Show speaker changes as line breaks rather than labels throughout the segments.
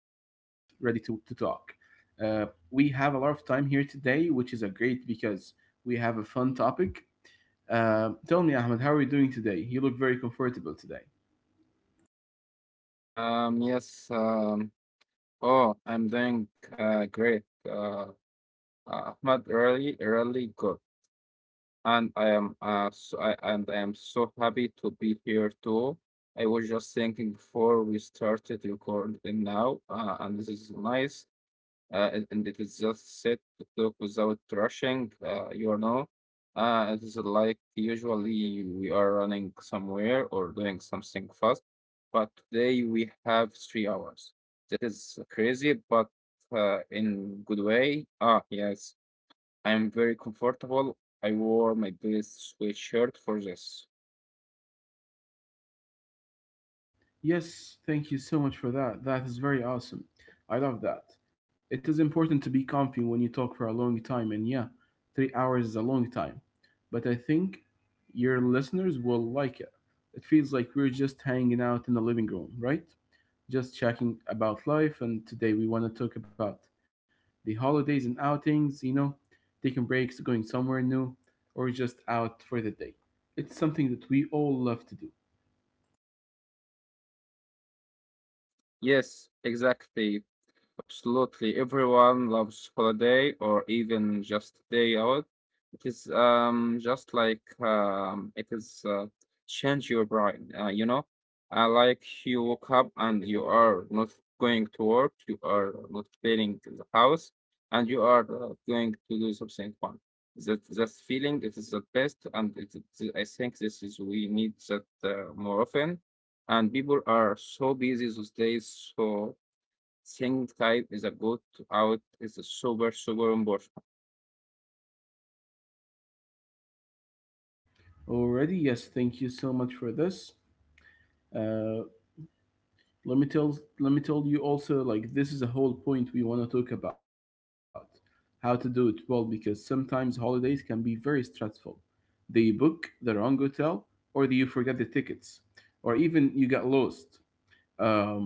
ready to talk. Uh, we have a lot of time here today, which is a great because we have a fun topic. Tell me, Ahmed, how are you doing today? You look very comfortable today.
Um, yes. Um, oh, I'm doing great. Ahmad really, really good. And I am I am so happy to be here too. I was just thinking before we started recording now, and this is nice. And it is just set to talk without rushing, It is like usually we are running somewhere or doing something fast, but today we have 3 hours. That is crazy, but in good way. Yes. I'm very comfortable. I wore my best sweatshirt for this.
Yes, thank you so much for that. That is very awesome. I love that. It is important to be comfy when you talk for a long time, and yeah, 3 hours is a long time. But I think your listeners will like it. It feels like we're just hanging out in the living room, right? Just chatting about life, and today we want to talk about the holidays and outings, taking breaks, going somewhere new, or just out for the day. It's something that we all love to do.
Yes, exactly. Absolutely. Everyone loves holiday or even just day out. It is just like it is change your brain, I like you woke up and you are not going to work, you are not cleaning the house, and you are going to do something fun. That feeling it is the best, and I think this is we need that more often. And people are so busy those days, so. Sync type is a good out. It's a super, super important.
Already, yes. Thank you so much for this. Uh, let me tell you also like this is a whole point we want to talk about how to do it well because sometimes holidays can be very stressful. They book the wrong hotel, or you forget the tickets, or even you get lost. Um,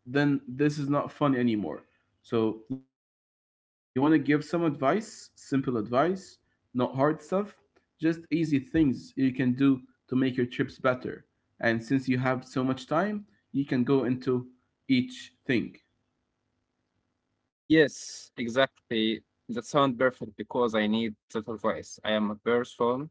then this is not fun anymore. So you want to give some advice, simple advice, not hard stuff, just easy things you can do to make your trips better. And since you have so much time, you can go into each thing.
Yes, exactly. That sound perfect because I need that advice. I am a person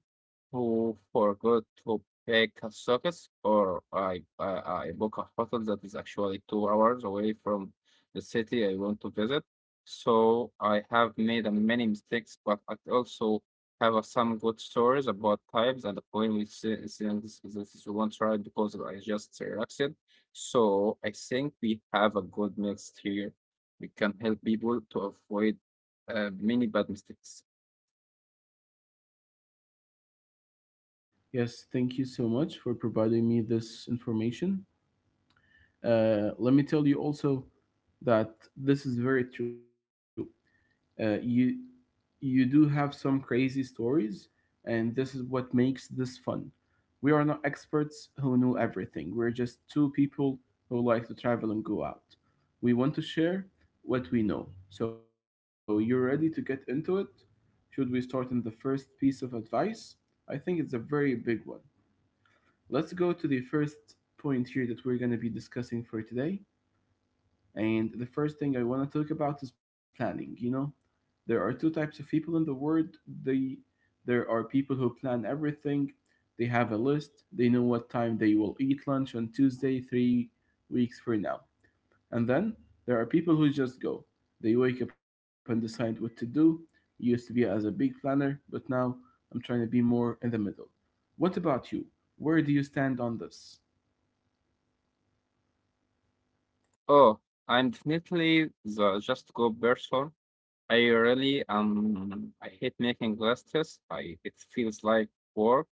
who forgot to pack a socket or I book a hotel that is actually 2 hours away from the city I want to visit. So I have made a many mistakes, but I also have a some good stories about times and the point which since this is one try because I just relaxed. So I think we have a good mix here. We can help people to avoid many bad mistakes.
Yes, thank you so much for providing me this information. Let me tell you also that this is very true. Uh, you you do have some crazy stories, and this is what makes this fun. We are not experts who know everything. We're just two people who like to travel and go out. We want to share what we know. So you're ready to get into it? Should we start in the first piece of advice? I think it's a very big one. Let's go to the first point here that we're going to be discussing for today, and the first thing I want to talk about is planning. You know, there are two types of people in the world. They There are people who plan everything. They have a list. They know what time they will eat lunch on Tuesday, 3 weeks from now. And then there are people who just go. They wake up and decide what to do. Used to be as a big planner, but now I'm trying to be more in the middle. What about you? Where do you stand on this?
Oh, I'm definitely the just go person. I really I hate making lists. I it feels like work.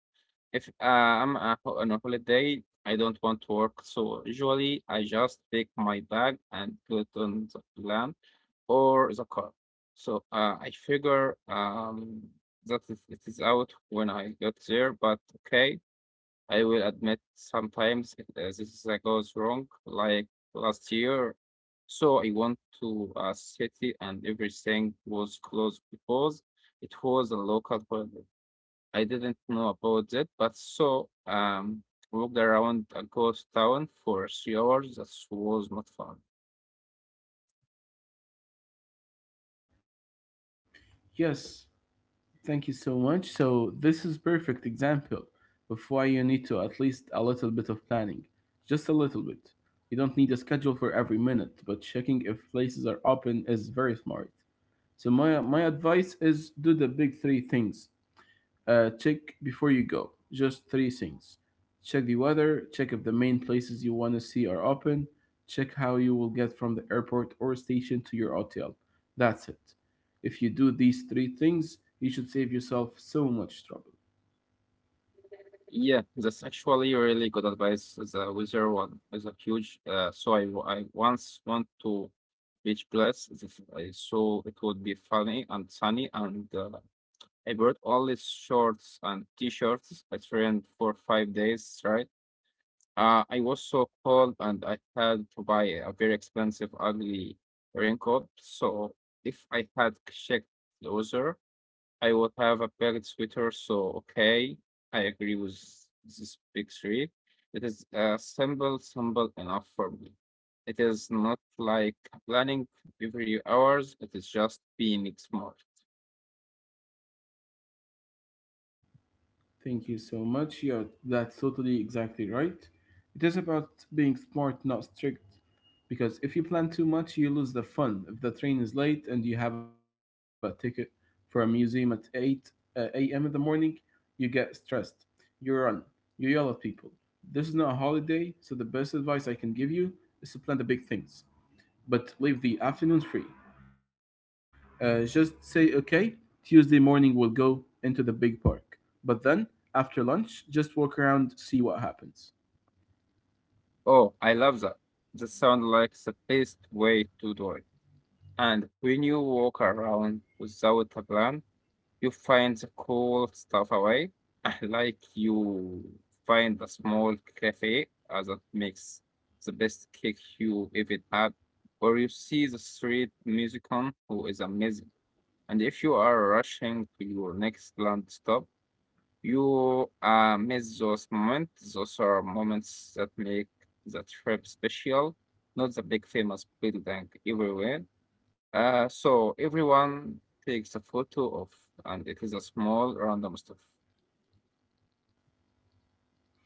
If I'm a, on a holiday, I don't want to work. So usually I just take my bag and put it on the land or the car. So I figure that it is out when I got there. But okay, I will admit sometimes it, this goes wrong, like last year. So I went to a city and everything was closed because it was a local holiday. I didn't know about it, but walked around a ghost town for 3 hours. That was not fun.
Yes, thank you so much. So this is perfect example of why you need to at least a little bit of planning. Just a little bit. You don't need a schedule for every minute, but checking if places are open is very smart. So my advice is do the big three things. Check before you go. Just three things. Check the weather, check if the main places you want to see are open, check how you will get from the airport or station to your hotel. That's it. If you do these three things, you should save yourself so much trouble.
Yeah, that's actually really good advice. The weather one is a huge. I once went to beach place. I saw it would be funny and sunny, and I brought all these shorts and t-shirts. I trained for 5 days, right? I was so cold, and I had to buy a very expensive, ugly raincoat. So if I had checked the weather, I would have a packed sweater, so okay, I agree with this big three. It is simple, simple enough for me. It is not like planning every hours, it is just being smart.
Thank you so much. Yeah, that's totally exactly right. It is about being smart, not strict. Because if you plan too much, you lose the fun. If the train is late and you have a ticket for a museum at 8 a.m. in the morning, you get stressed. You run. You yell at people. This is not a holiday, so the best advice I can give you is to plan the big things, but leave the afternoons free. Just say, okay, Tuesday morning we'll go into the big park. But then, after lunch, just walk around, see what happens.
Oh, I love that. That sounds like the best way to do it. And when you walk around without a plan, you find the cool stuff away, like you find a small cafe that makes the best cake you ever had, or you see the street musician who is amazing. And if you are rushing to your next land stop, you miss those moments. Those are moments that make the trip special, not the big famous building everywhere. So everyone takes a photo of, and it is a small random stuff.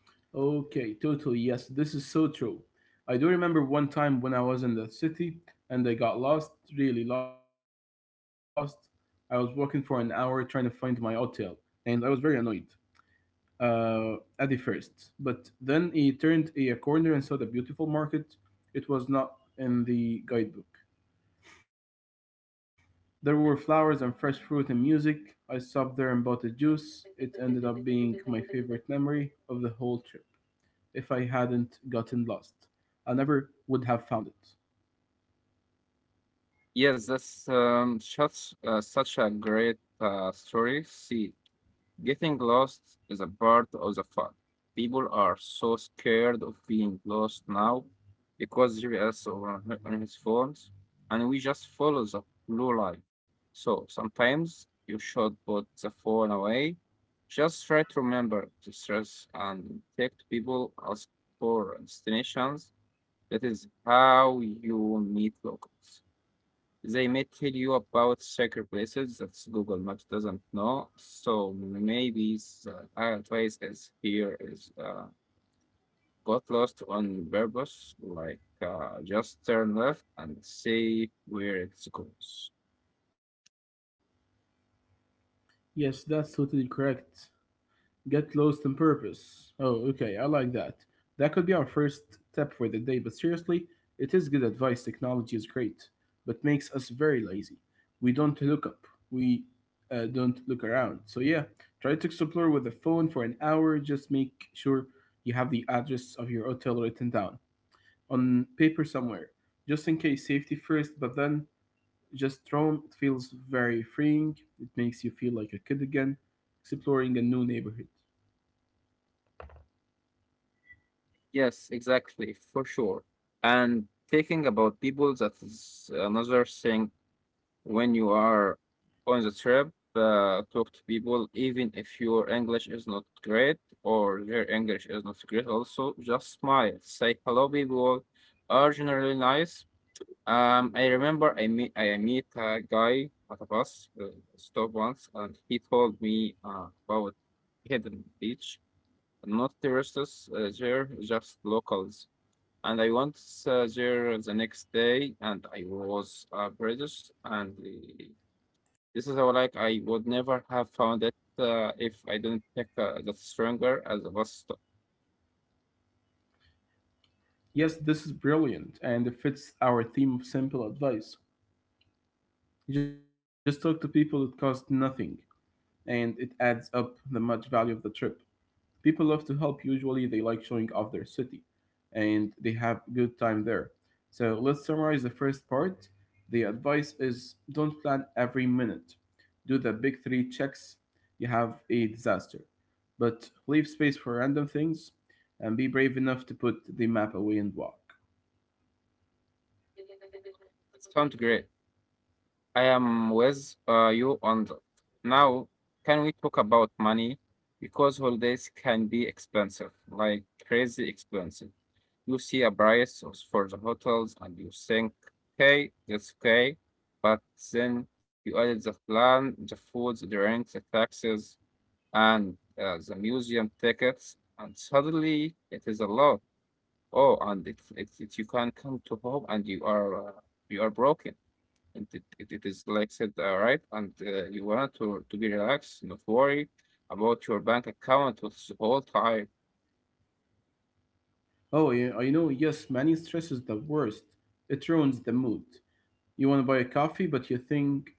Okay, totally. Yes, this is so true. I do remember one time when I was in the city and I got lost, really lost. I was walking for an hour trying to find my hotel, and I was very annoyed uh, at the first. But then he turned a corner and saw the beautiful market. It was not in the guidebook. There were flowers and fresh fruit and music. I stopped there and bought a juice. It ended up being my favorite memory of the whole trip. If I hadn't gotten lost, I never would have found it.
Yes, that's such a great story. See, getting lost is a part of the fun. People are so scared of being lost now because GPS or on his phones, and we just follow the blue line. So sometimes you should put the phone away. Just try to remember to stress and text people ask for destinations. That is how you meet locals. They may tell you about secret places that Google Maps doesn't know. So maybe the other place is here is got lost on purpose, like just turn left and see where it goes.
Yes, that's totally correct. Get lost in purpose. Oh, okay, I like that. That could be our first tip for the day, but seriously, it is good advice. Technology is great, but makes us very lazy. We don't look up, we don't look around. So, yeah, try to explore with the phone for an hour. Just make sure you have the address of your hotel written down on paper somewhere, just in case safety first, but then just roam. It feels very freeing, it makes you feel like a kid again, exploring a new neighborhood.
Yes, exactly, for sure. And thinking about people, that is another thing when you are on the trip, talk to people, even if your English is not great or their English is not great, also just smile. Say hello, people are generally nice. I remember I meet a guy at a bus stop once, and he told me about hidden beach. Not tourists there, just locals. And I went there the next day, and I was British, and uh, this is how like I would never have found it if I didn't pick the stronger as a bus stop.
Yes, this is brilliant and it fits our theme of simple advice. You just talk to people, it costs nothing and it adds up the much value of the trip. People love to help, usually, they like showing off their city and they have good time there. So let's summarize the first part. The advice is don't plan every minute, do the big three checks, you have a disaster. But leave space for random things and be brave enough to put the map away and walk.
It sounds great. I am with you on that. Now, can we talk about money? Because holidays can be expensive, like crazy expensive. You see a price of- for the hotels and you think, okay, that's okay. But then you added the plan, the food, the drinks, the taxes. And the museum tickets, and suddenly it is a lot. Oh, and it you can come to home and you are broken. And it is like said, right? And you want to be relaxed, not worry about your bank account with whole time.
Oh, yeah, I know. Yes, money stress is the worst. It ruins the mood. You want to buy a coffee, but you think,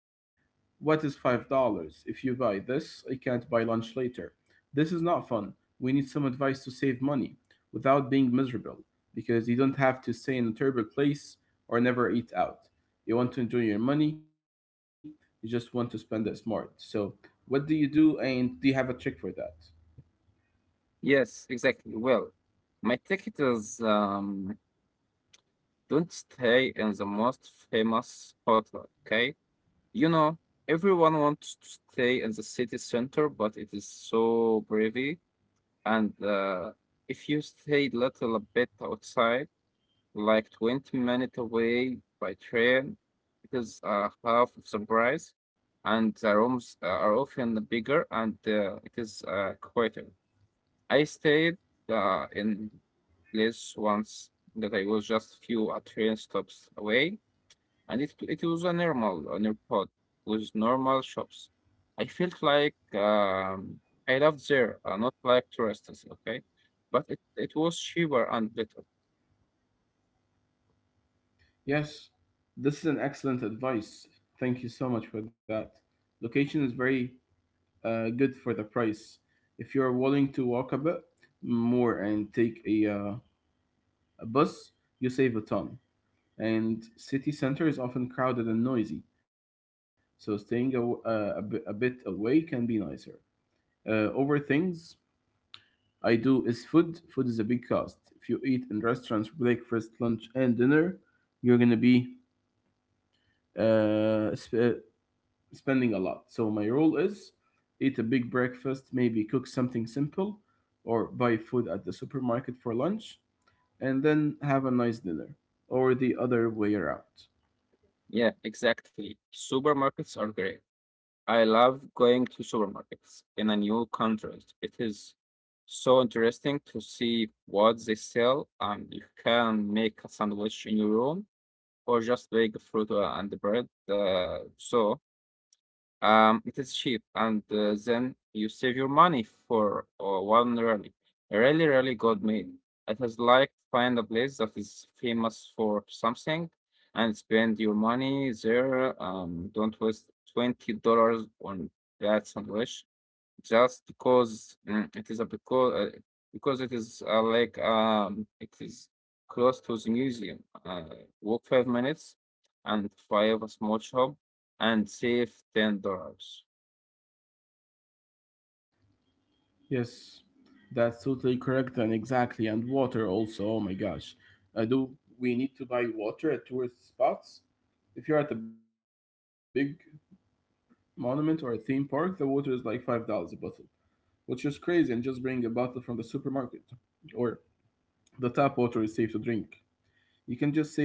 what is $5? If you buy this, I can't buy lunch later. This is not fun. We need some advice to save money without being miserable because you don't have to stay in a terrible place or never eat out. You want to enjoy your money, you just want to spend it smart. So, what do you do, and do you have a trick for that?
Yes, exactly. Well, my ticket is don't stay in the most famous hotel, okay? You know, everyone wants to stay in the city center, but it is so privy. And if you stay little bit outside, like 20 minutes away by train, it is half of the price, and the rooms are often bigger and it is quieter. I stayed in place once that I was just few train stops away, and it was a normal a new pod with normal shops. I felt like I loved there, not like tourists, okay? But it was cheaper and better.
Yes, this is an excellent advice. Thank you so much for that. Location is very good for the price. If you're willing to walk a bit more and take a bus, you save a ton. And city center is often crowded and noisy, so staying a bit away can be nicer. Over things I do is food. Food is a big cost. If you eat in restaurants, breakfast, lunch, and dinner, you're gonna be uh, sp- spending a lot. So my rule is eat a big breakfast, maybe cook something simple or buy food at the supermarket for lunch and then have a nice dinner or the other way around.
Yeah, exactly. Supermarkets are great. I love going to supermarkets in a new country. It is so interesting to see what they sell, and you can make a sandwich in your room or just bake fruit and bread. It is cheap, and then you save your money for one really, a really, really good meal. It is like find a place that is famous for something and spend your money there. Don't waste $20 on that sandwich just because mm, it is a because it is it is close to the museum. Walk 5 minutes and five a small shop and save $10.
Yes, that's totally correct and exactly and water also. Oh my gosh. Do we need to buy water at tourist spots? If you're at a big monument or a theme park, the water is like $5 a bottle, which is crazy and just bring a bottle from the supermarket or the tap water is safe to drink.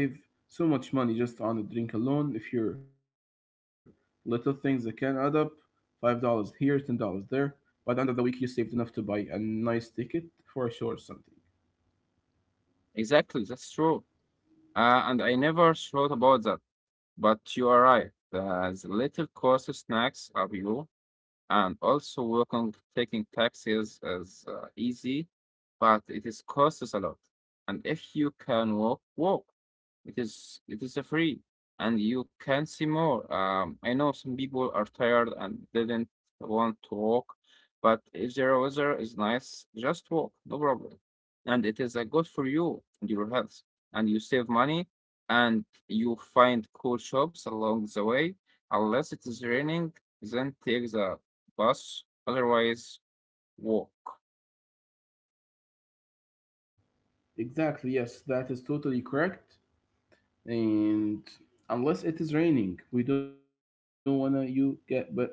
You can just save so much money just on a drink alone if you're little things that can add up $5 here, $10 there. By the end of the week, you saved enough to buy a nice ticket for a show or something.
Exactly, that's true. And I never thought about that, but you are right. The little cost snacks are below and also work on taking taxis is easy, but it is costs us a lot. And if you can walk, walk. It is a free, and you can see more. I know some people are tired and didn't want to walk, but if the weather is nice, just walk, no problem. And it is good for you and your health, and you save money, and you find cool shops along the way. Unless it is raining, then take the bus, otherwise walk.
Exactly, yes, that is totally correct. And unless it is raining, we don't want to you get wet wet and sad.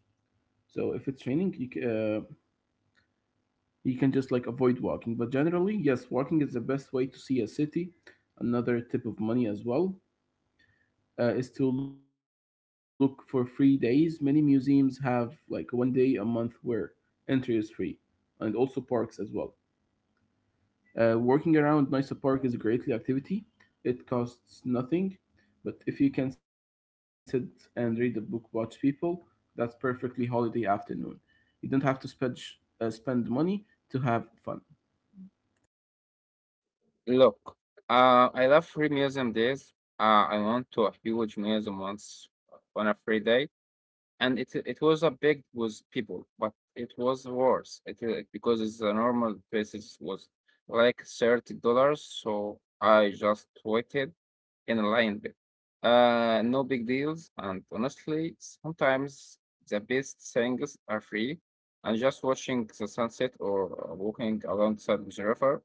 So if it's raining, uh, you can just like avoid walking. But generally, yes, walking is the best way to see a city. Another tip of money as well is to look for free days. Many museums have like one day a month where entry is free, and also parks as well. Walking around Nice Park is a great activity. It costs nothing, but if you can sit and read a book, watch people, that's perfectly holiday afternoon. You don't have to spend money to have fun.
Look, I love free museum days. I went to a huge museum once on a free day, and it was a big with people, but it was worse. Because it's a normal basis was like $30, so I just waited in alignment. No big deals, and honestly, sometimes the best things are free. And just watching the sunset or walking alongside the river,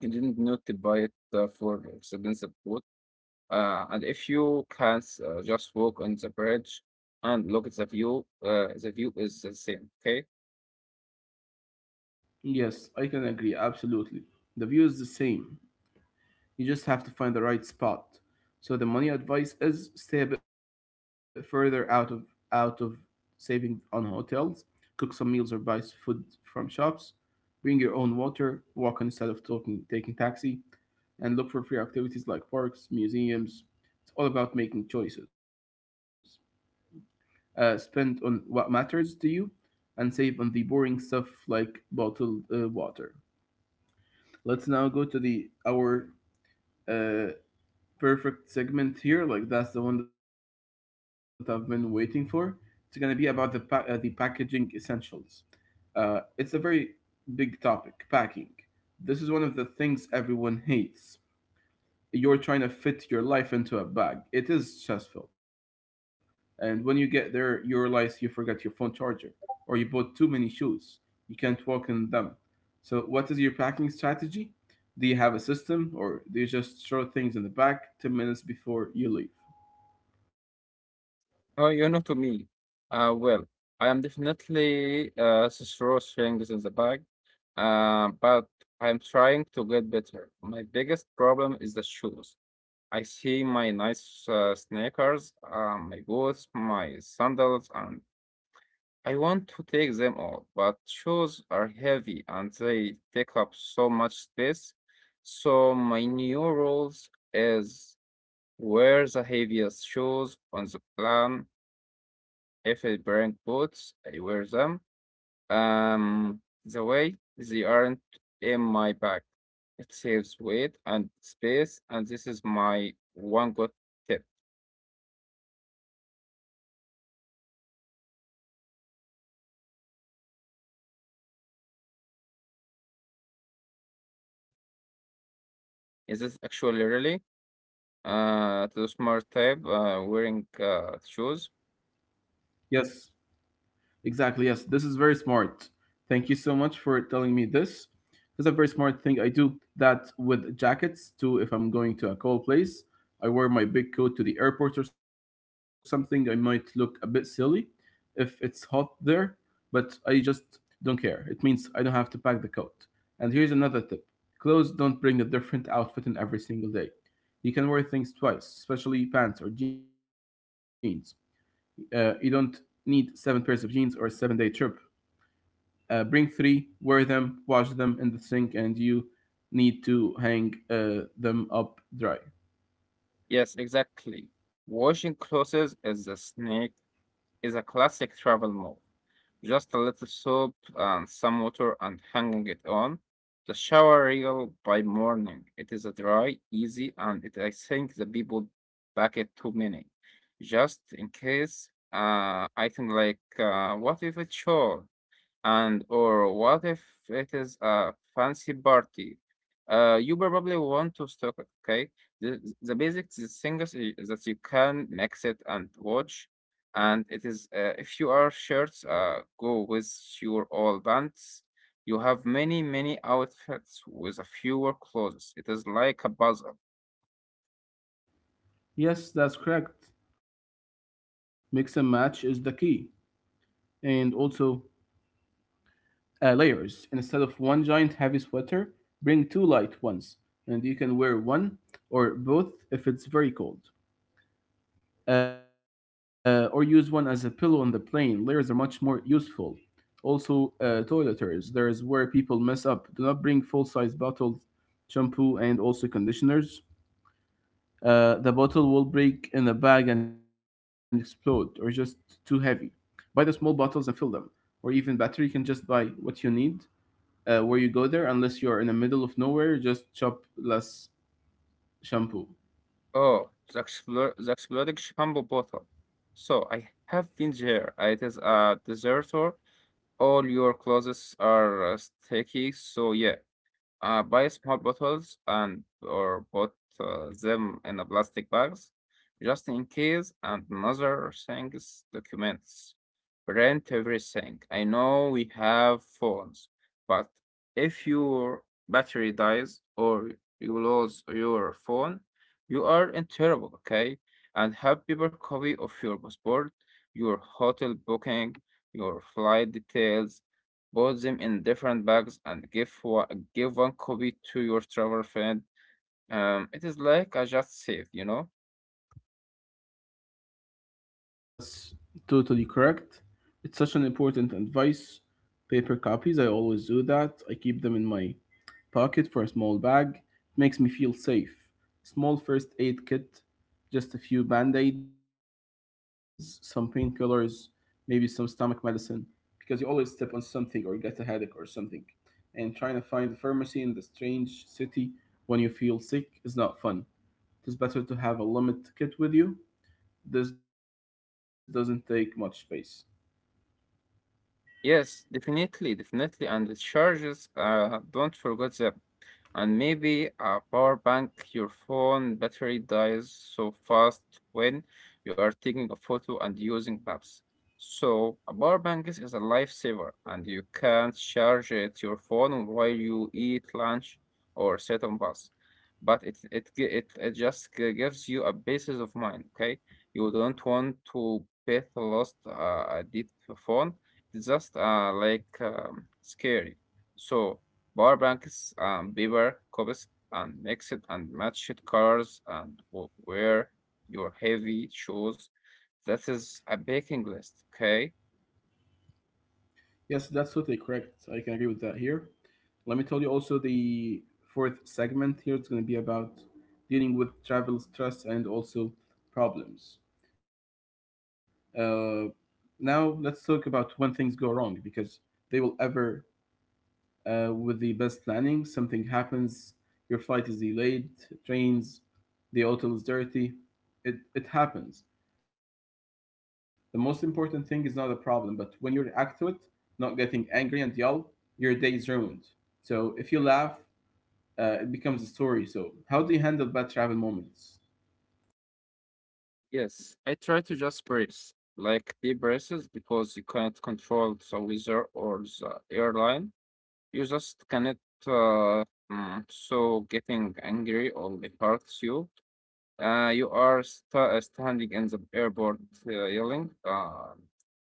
you didn't need to buy it for expensive food. And if you can just walk on the bridge and look at the view is the same. Okay?
Yes, I can agree, absolutely. The view is the same. You just have to find the right spot. So the money advice is stay a bit further out of saving on hotels, cook some meals or buy food from shops, bring your own water, walk on instead of talking, taking taxi, and look for free activities like parks, museums. It's all about making choices. Spend on what matters to you and save on the boring stuff like bottled water. Let's now go to the our uh, perfect segment here. Like that's the one that I've been waiting for. It's gonna be about the the packaging essentials. It's a very big topic. Packing. This is one of the things everyone hates you're trying to fit your life into a bag. It is stressful. And when you get there, you realize you forgot your phone charger or you bought too many shoes. You can't walk in them. So, what is your packing strategy? Do you have a system or do you just throw things in the bag 10 minutes before you leave?
Oh, you know to me. Well, I am definitely throw things in the bag. But I'm trying to get better. My biggest problem is the shoes. I see my nice sneakers, my boots, my sandals, and I want to take them all, but shoes are heavy and they take up so much space. So my new rules is wear the heaviest shoes on the plan. If I bring boots, I wear them. The way they aren't in my bag. It saves weight and space, and this is my one good tip. Is this actually really to the smart type wearing shoes?
Yes. Exactly. Yes, this is very smart. Thank you so much for telling me this. This is a very smart thing. I do that with jackets too. If I'm going to a cold place, I wear my big coat to the airport or something. I might look a bit silly if it's hot there, but I just don't care. It means I don't have to pack the coat. And here's another tip, clothes, don't bring a different outfit in every single day. You can wear things twice, especially pants or jeans. You don't need seven pairs of jeans or a 7 day trip. Bring three, wear them, wash them in the sink, and you need to hang them up dry.
Yes, exactly. Washing clothes is a snake Is a classic travel move. Just a little soap and some water and hanging it on the shower rail. By morning. It is a dry, easy, and it, I think the people back it too many. Just in case, I think what if it's short? And or what if it is a fancy party? You probably want to stock, okay? The basic things that you can mix it and watch. And it is, if you are shirts, go with your all bands. You have many outfits with a fewer clothes. It is like a puzzle.
Yes, that's correct. Mix and match is the key. And also, layers. Instead of one giant heavy sweater, bring two light ones, and you can wear one or both if it's very cold. Or use one as a pillow on the plane. Layers are much more useful. Also, toiletries. There is where people mess up. Do not bring full size bottles, shampoo, and also conditioners. The bottle will break in a bag and explode, or just too heavy. Buy the small bottles and fill them. Or even better, you can just buy what you need where you go there, unless you're in the middle of nowhere, just shop less shampoo.
Oh, the exploding shampoo bottle. So I have been there. It is a deserter, all your clothes are sticky, so yeah, buy small bottles and or put them in a plastic bags, just in case. And another thing is documents. Print everything. I know we have phones, but if your battery dies or you lose your phone, you are in trouble, okay? And have paper copy of your passport, your hotel booking, your flight details. Put them in different bags and give one copy to your travel friend. It is like I just saved, you know?
Yes, that's totally correct. It's such an important advice. Paper copies, I always do that. I keep them in my pocket for a small bag. It makes me feel safe. Small first aid kit, just a few band aids, some painkillers, maybe some stomach medicine, because you always step on something or get a headache or something. And trying to find a pharmacy in the strange city when you feel sick is not fun. It is better to have a limit kit with you. This doesn't take much space.
Yes, definitely. And the charges, don't forget them. And maybe a power bank, your phone battery dies so fast when you are taking a photo and using maps. So a power bank is a lifesaver, and you can charge it your phone while you eat lunch or sit on bus. But it just gives you a basis of mind, okay? You don't want to bet lost, a deep phone, it's just scary. So power banks and paper copies and mix it and match it colors and wear your heavy shoes. That is a baking list, okay?
Yes, that's totally correct. I can agree with that here. Let me tell you also the fourth segment here is going to be about dealing with travel stress and also problems. Uh, Now let's talk about when things go wrong because they will ever. With the best planning, something happens, your flight is delayed, it rains, the hotel is dirty. It happens. The most important thing is not a problem, but when you react to it, not getting angry and yell, your day is ruined. So if you laugh, it becomes a story. So how do you handle bad travel moments?
Yes, I try to just brace, like deep braces, because you can't control the weather or the airline. You just cannot. Uh, so getting angry only hurts you. You are standing in the airport, yelling, uh,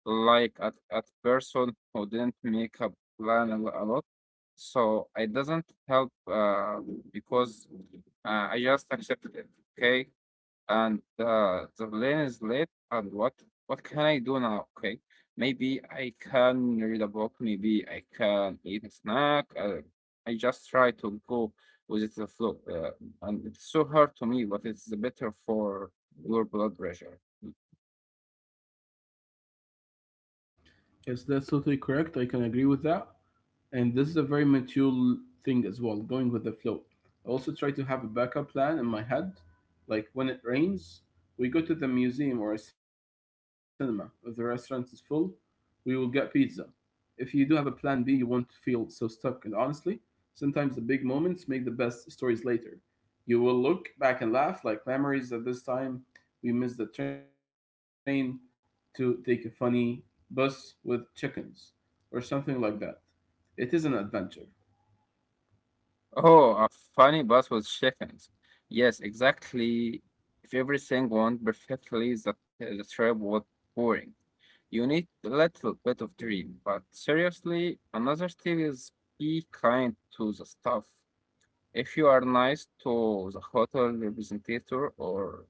like at person who didn't make a plan a lot. So it doesn't help, because I just accepted it. Okay, and the lane is late, and what can I do now? Okay, maybe I can read a book, maybe I can eat a snack. I just try to go with the flow, and it's so hard to me, but it's better for your blood pressure.
Yes, that's totally correct. I can agree with that. And this is a very mature thing as well, going with the flow. I also try to have a backup plan in my head. Like when it rains, we go to the museum or a cinema. If the restaurant is full, we will get pizza. If you do have a plan B, you won't feel so stuck. And honestly, sometimes the big moments make the best stories later. You will look back and laugh like memories at this time. We missed the train to take a funny bus with chickens or something like that. It is an adventure.
Oh, a funny bus with chickens. Yes, exactly. If everything went perfectly, the trip was boring. You need a little bit of dream, but seriously, another tip is be kind to the staff. If you are nice to the hotel representative or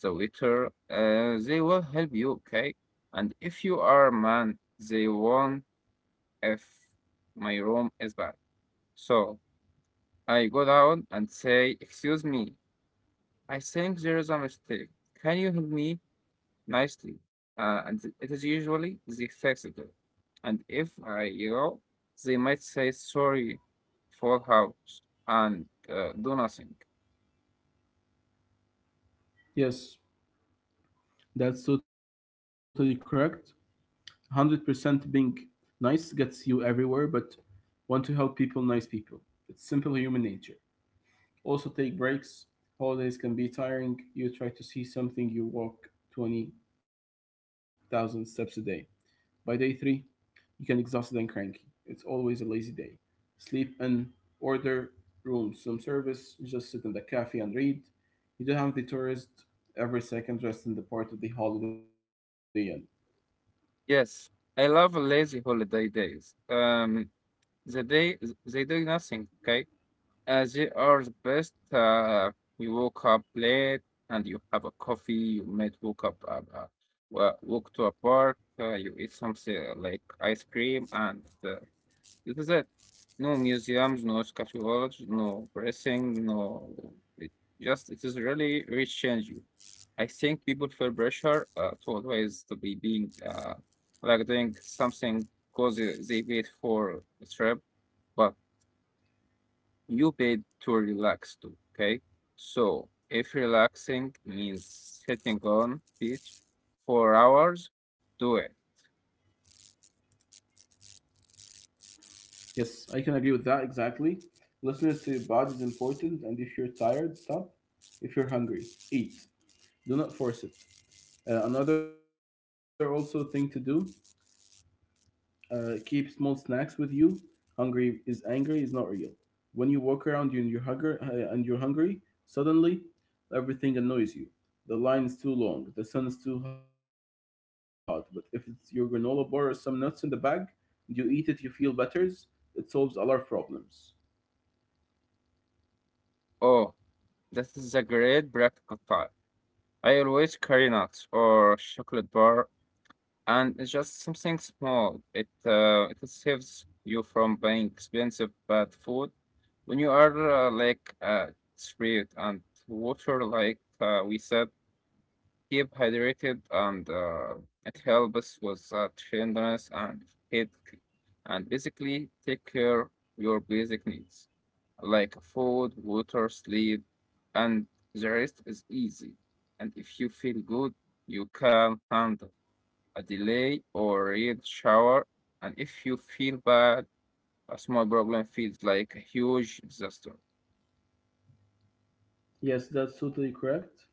the waiter, they will help you, okay? And if you are a man, they won't if my room is bad. So I go down and say, "Excuse me, I think there is a mistake. Can you help me nicely?" And it is usually they fix it. And if I go, they might say sorry, full house, and do nothing.
Yes, that's totally correct. 100% being nice gets you everywhere, but want to help people, nice people. It's simple human nature. Also, take breaks. Holidays can be tiring. You try to see something, you walk 20,000 steps a day. By day three, you can exhausted and cranky. It's always a lazy day. Sleep and order rooms, some service, just sit in the cafe and read. You don't have the tourist every second rest in the part of the holiday end.
Yes, I love lazy holiday days. The day they do nothing, okay? They are the best. You woke up late and you have a coffee. You might woke up, walk to a park. You eat something like ice cream, and it is it. No museums, no scatology, no pressing, no. It just it is really rich you. I think people feel pressure to always to be being like doing something because they wait for the trip, but you paid to relax too. Okay. So if relaxing means sitting on beach for hours, do it.
Yes, I can agree with that exactly. Listening to your body is important, and if you're tired, stop. If you're hungry, eat. Do not force it. Another also thing to do. Keep small snacks with you. Hungry is angry is not real. When you walk around and you're hungry, suddenly everything annoys you. The line is too long, the sun is too hot. But if it's your granola bar or some nuts in the bag, and you eat it, you feel better. It solves a lot of problems.
Oh, that is a great practical time. I always carry nuts or chocolate bar, and it's just something small. It saves you from buying expensive bad food when you are street. And water, like we said, keep hydrated, and it helps with tenderness and headache. And basically, take care your basic needs like food, water, sleep, and the rest is easy. And if you feel good, you can handle a delay or a shower. And if you feel bad, a small problem feels like a huge disaster.
Yes, that's totally correct.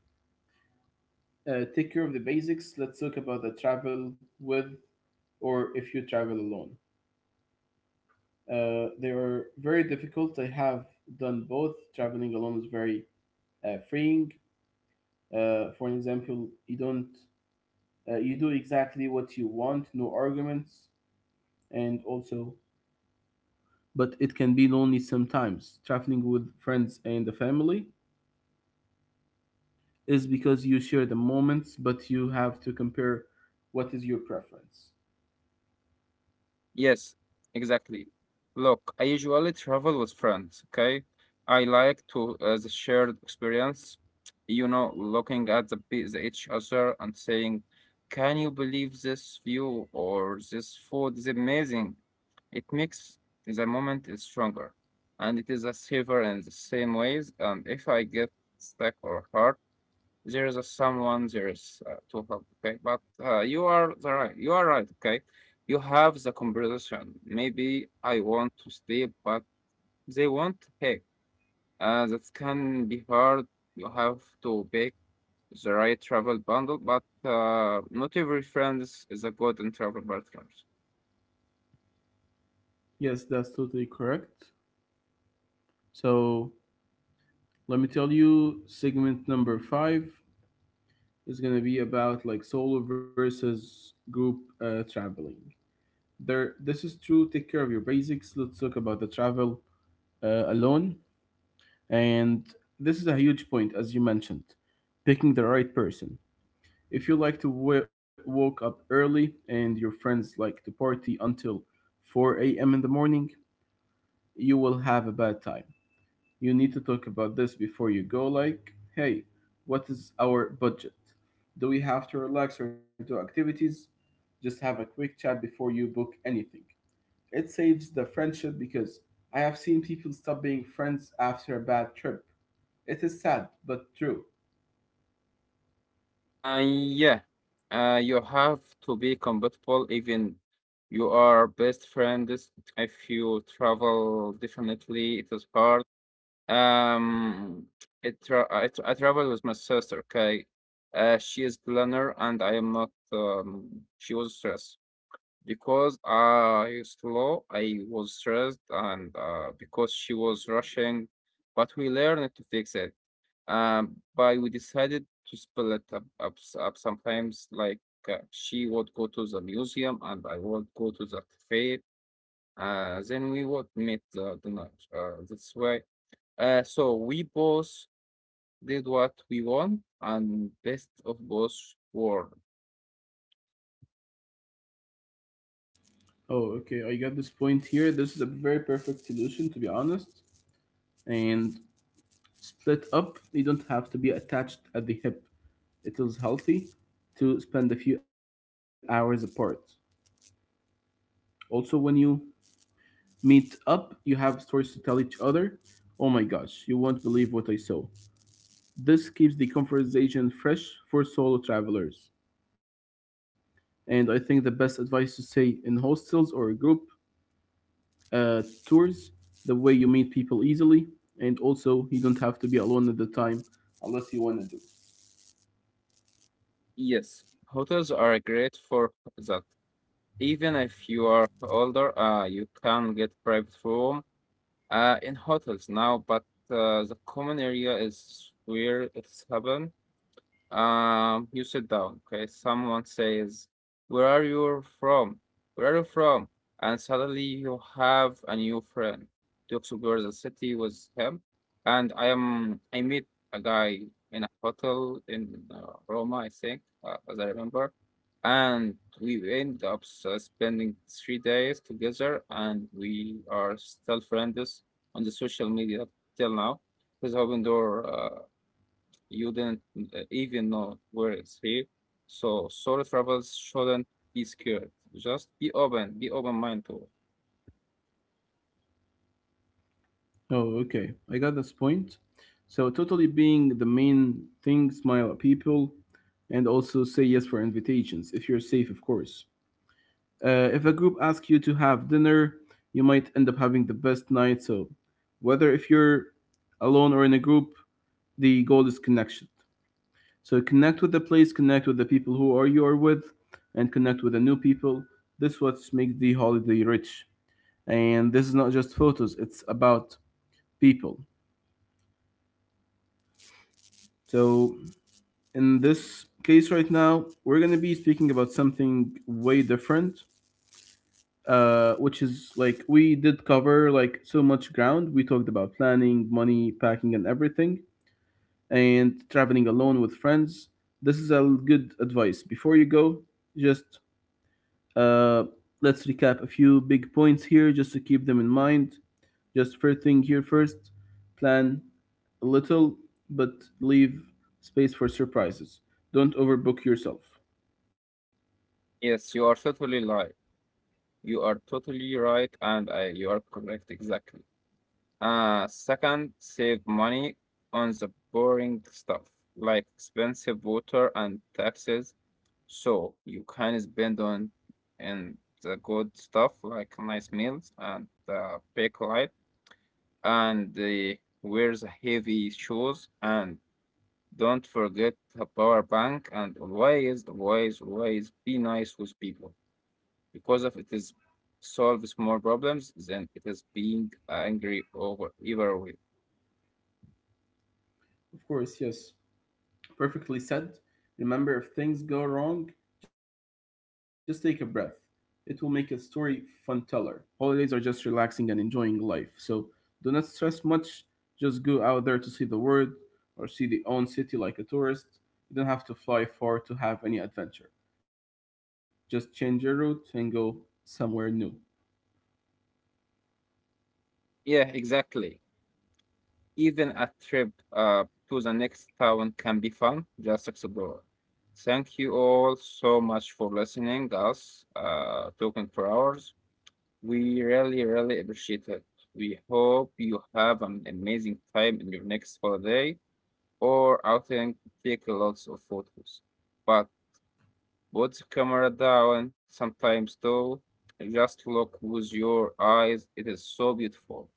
Take care of the basics. Let's talk about the travel with, or if you travel alone. They were very difficult. I have done both. Traveling alone is very freeing. For example, you don't you do exactly what you want, no arguments, and also. But it can be lonely sometimes. Traveling with friends and the family is because you share the moments, but you have to compare what is your preference.
Yes, exactly. Look, I usually travel with friends, okay? I like to the shared experience, you know, looking at the each other and saying, "Can you believe this view or this food is amazing?" It makes the moment is stronger, and it is a savor in the same ways. And if I get stuck or hard, there is a someone there is to help, okay? But you are the right, you are right, okay? You have the conversation, maybe I want to sleep, but they want to pick. That can be hard. You have to pick the right travel bundle, but not every friend is a good in travel partners.
Yes, that's totally correct. So let me tell you segment number five is gonna be about like solo versus group traveling. There, this is true. Take care of your basics. Let's talk about the travel alone, and this is a huge point as you mentioned, picking the right person. If you like to woke up early and your friends like to party until 4 a.m. in the morning, you will have a bad time. You need to talk about this before you go, like, hey, what is our budget? Do we have to relax or do activities? Just have a quick chat before you book anything. It saves the friendship because I have seen people stop being friends after a bad trip. It is sad, but true.
Yeah, you have to be compatible. Even you are best friends, if you travel, definitely it is hard. Um, it tra I travel with my sister, okay? She is planner and I am not. She was stressed because I slow, I was stressed and because she was rushing, but we learned to fix it. But we decided to split up sometimes, like she would go to the museum and I would go to the cafe. Then we would meet the night. That's why. So we both did what we want, and best of both worlds.
Oh, okay. I got this point here. This is a very perfect solution, to be honest. And split up. You don't have to be attached at the hip. It is healthy to spend a few hours apart. Also, when you meet up, you have stories to tell each other. Oh my gosh, you won't believe what I saw. This keeps the conversation fresh for solo travelers. And I think the best advice to say in hostels or group tours, the way you meet people easily, and also you don't have to be alone at the time unless you want to do.
Yes, hotels are great for that. Even if you are older, you can get private room in hotels now, but the common area is where it's happened. You sit down. Okay, someone says, "Where are you from? Where are you from?" And suddenly you have a new friend to explore the city with him. And I meet a guy in a hotel in Roma, I think, as I remember. And we end up spending 3 days together, and we are still friends on the social media till now. His open door. You didn't even know where it's here. So solo travels shouldn't be scared. Just be open, be open-minded to it.
Oh, okay, I got this point. So totally being the main thing, smile at people, and also say yes for invitations if you're safe, of course. If a group asks you to have dinner, you might end up having the best night. So, whether if you're alone or in a group, the goal is connection. So, connect with the place, connect with the people who are you are with, and connect with the new people. This is what makes the holiday rich. And this is not just photos; it's about people. So, in this case right now, we're going to be speaking about something way different, which is like we did cover like so much ground. We talked about planning, money, packing, and everything, and traveling alone with friends. This is a good advice. Before you go, just uh, let's recap a few big points here just to keep them in mind. Just first thing here first, plan a little, but leave space for surprises. Don't overbook yourself.
Yes, you are totally right. You are totally right, you are correct exactly. Second, save money on the boring stuff like expensive water and taxes. So you can spend on and the good stuff like nice meals and big light and wears heavy shoes, and don't forget a power bank, and always be nice with people, because if it is solves more problems than it is being angry over either way.
Of course, yes. Perfectly said. Remember, if things go wrong, just take a breath. It will make a story fun teller. Holidays are just relaxing and enjoying life. So do not stress much. Just go out there to see the world or see the own city like a tourist. You don't have to fly far to have any adventure. Just change your route and go somewhere new.
Yeah, exactly. Even a trip to the next town can be fun. Just explore. Thank you all so much for listening us talking for hours. We really appreciate it. We hope you have an amazing time in your next holiday or outing. Take lots of photos. But put the camera down sometimes though. And just look with your eyes. It is so beautiful.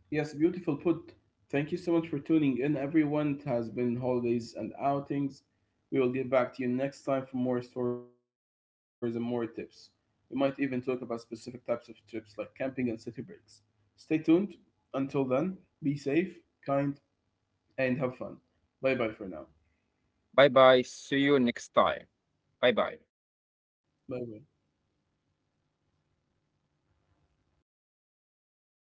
Yes, beautiful put. Thank you so much for tuning in, everyone. It has been holidays and outings. We will get back to you next time for more stories and more tips. We might even talk about specific types of trips like camping and city breaks. Stay tuned. Until then, be safe, kind, and have fun. Bye bye for now.
Bye bye. See you next time. Bye
Bye
bye.
bye.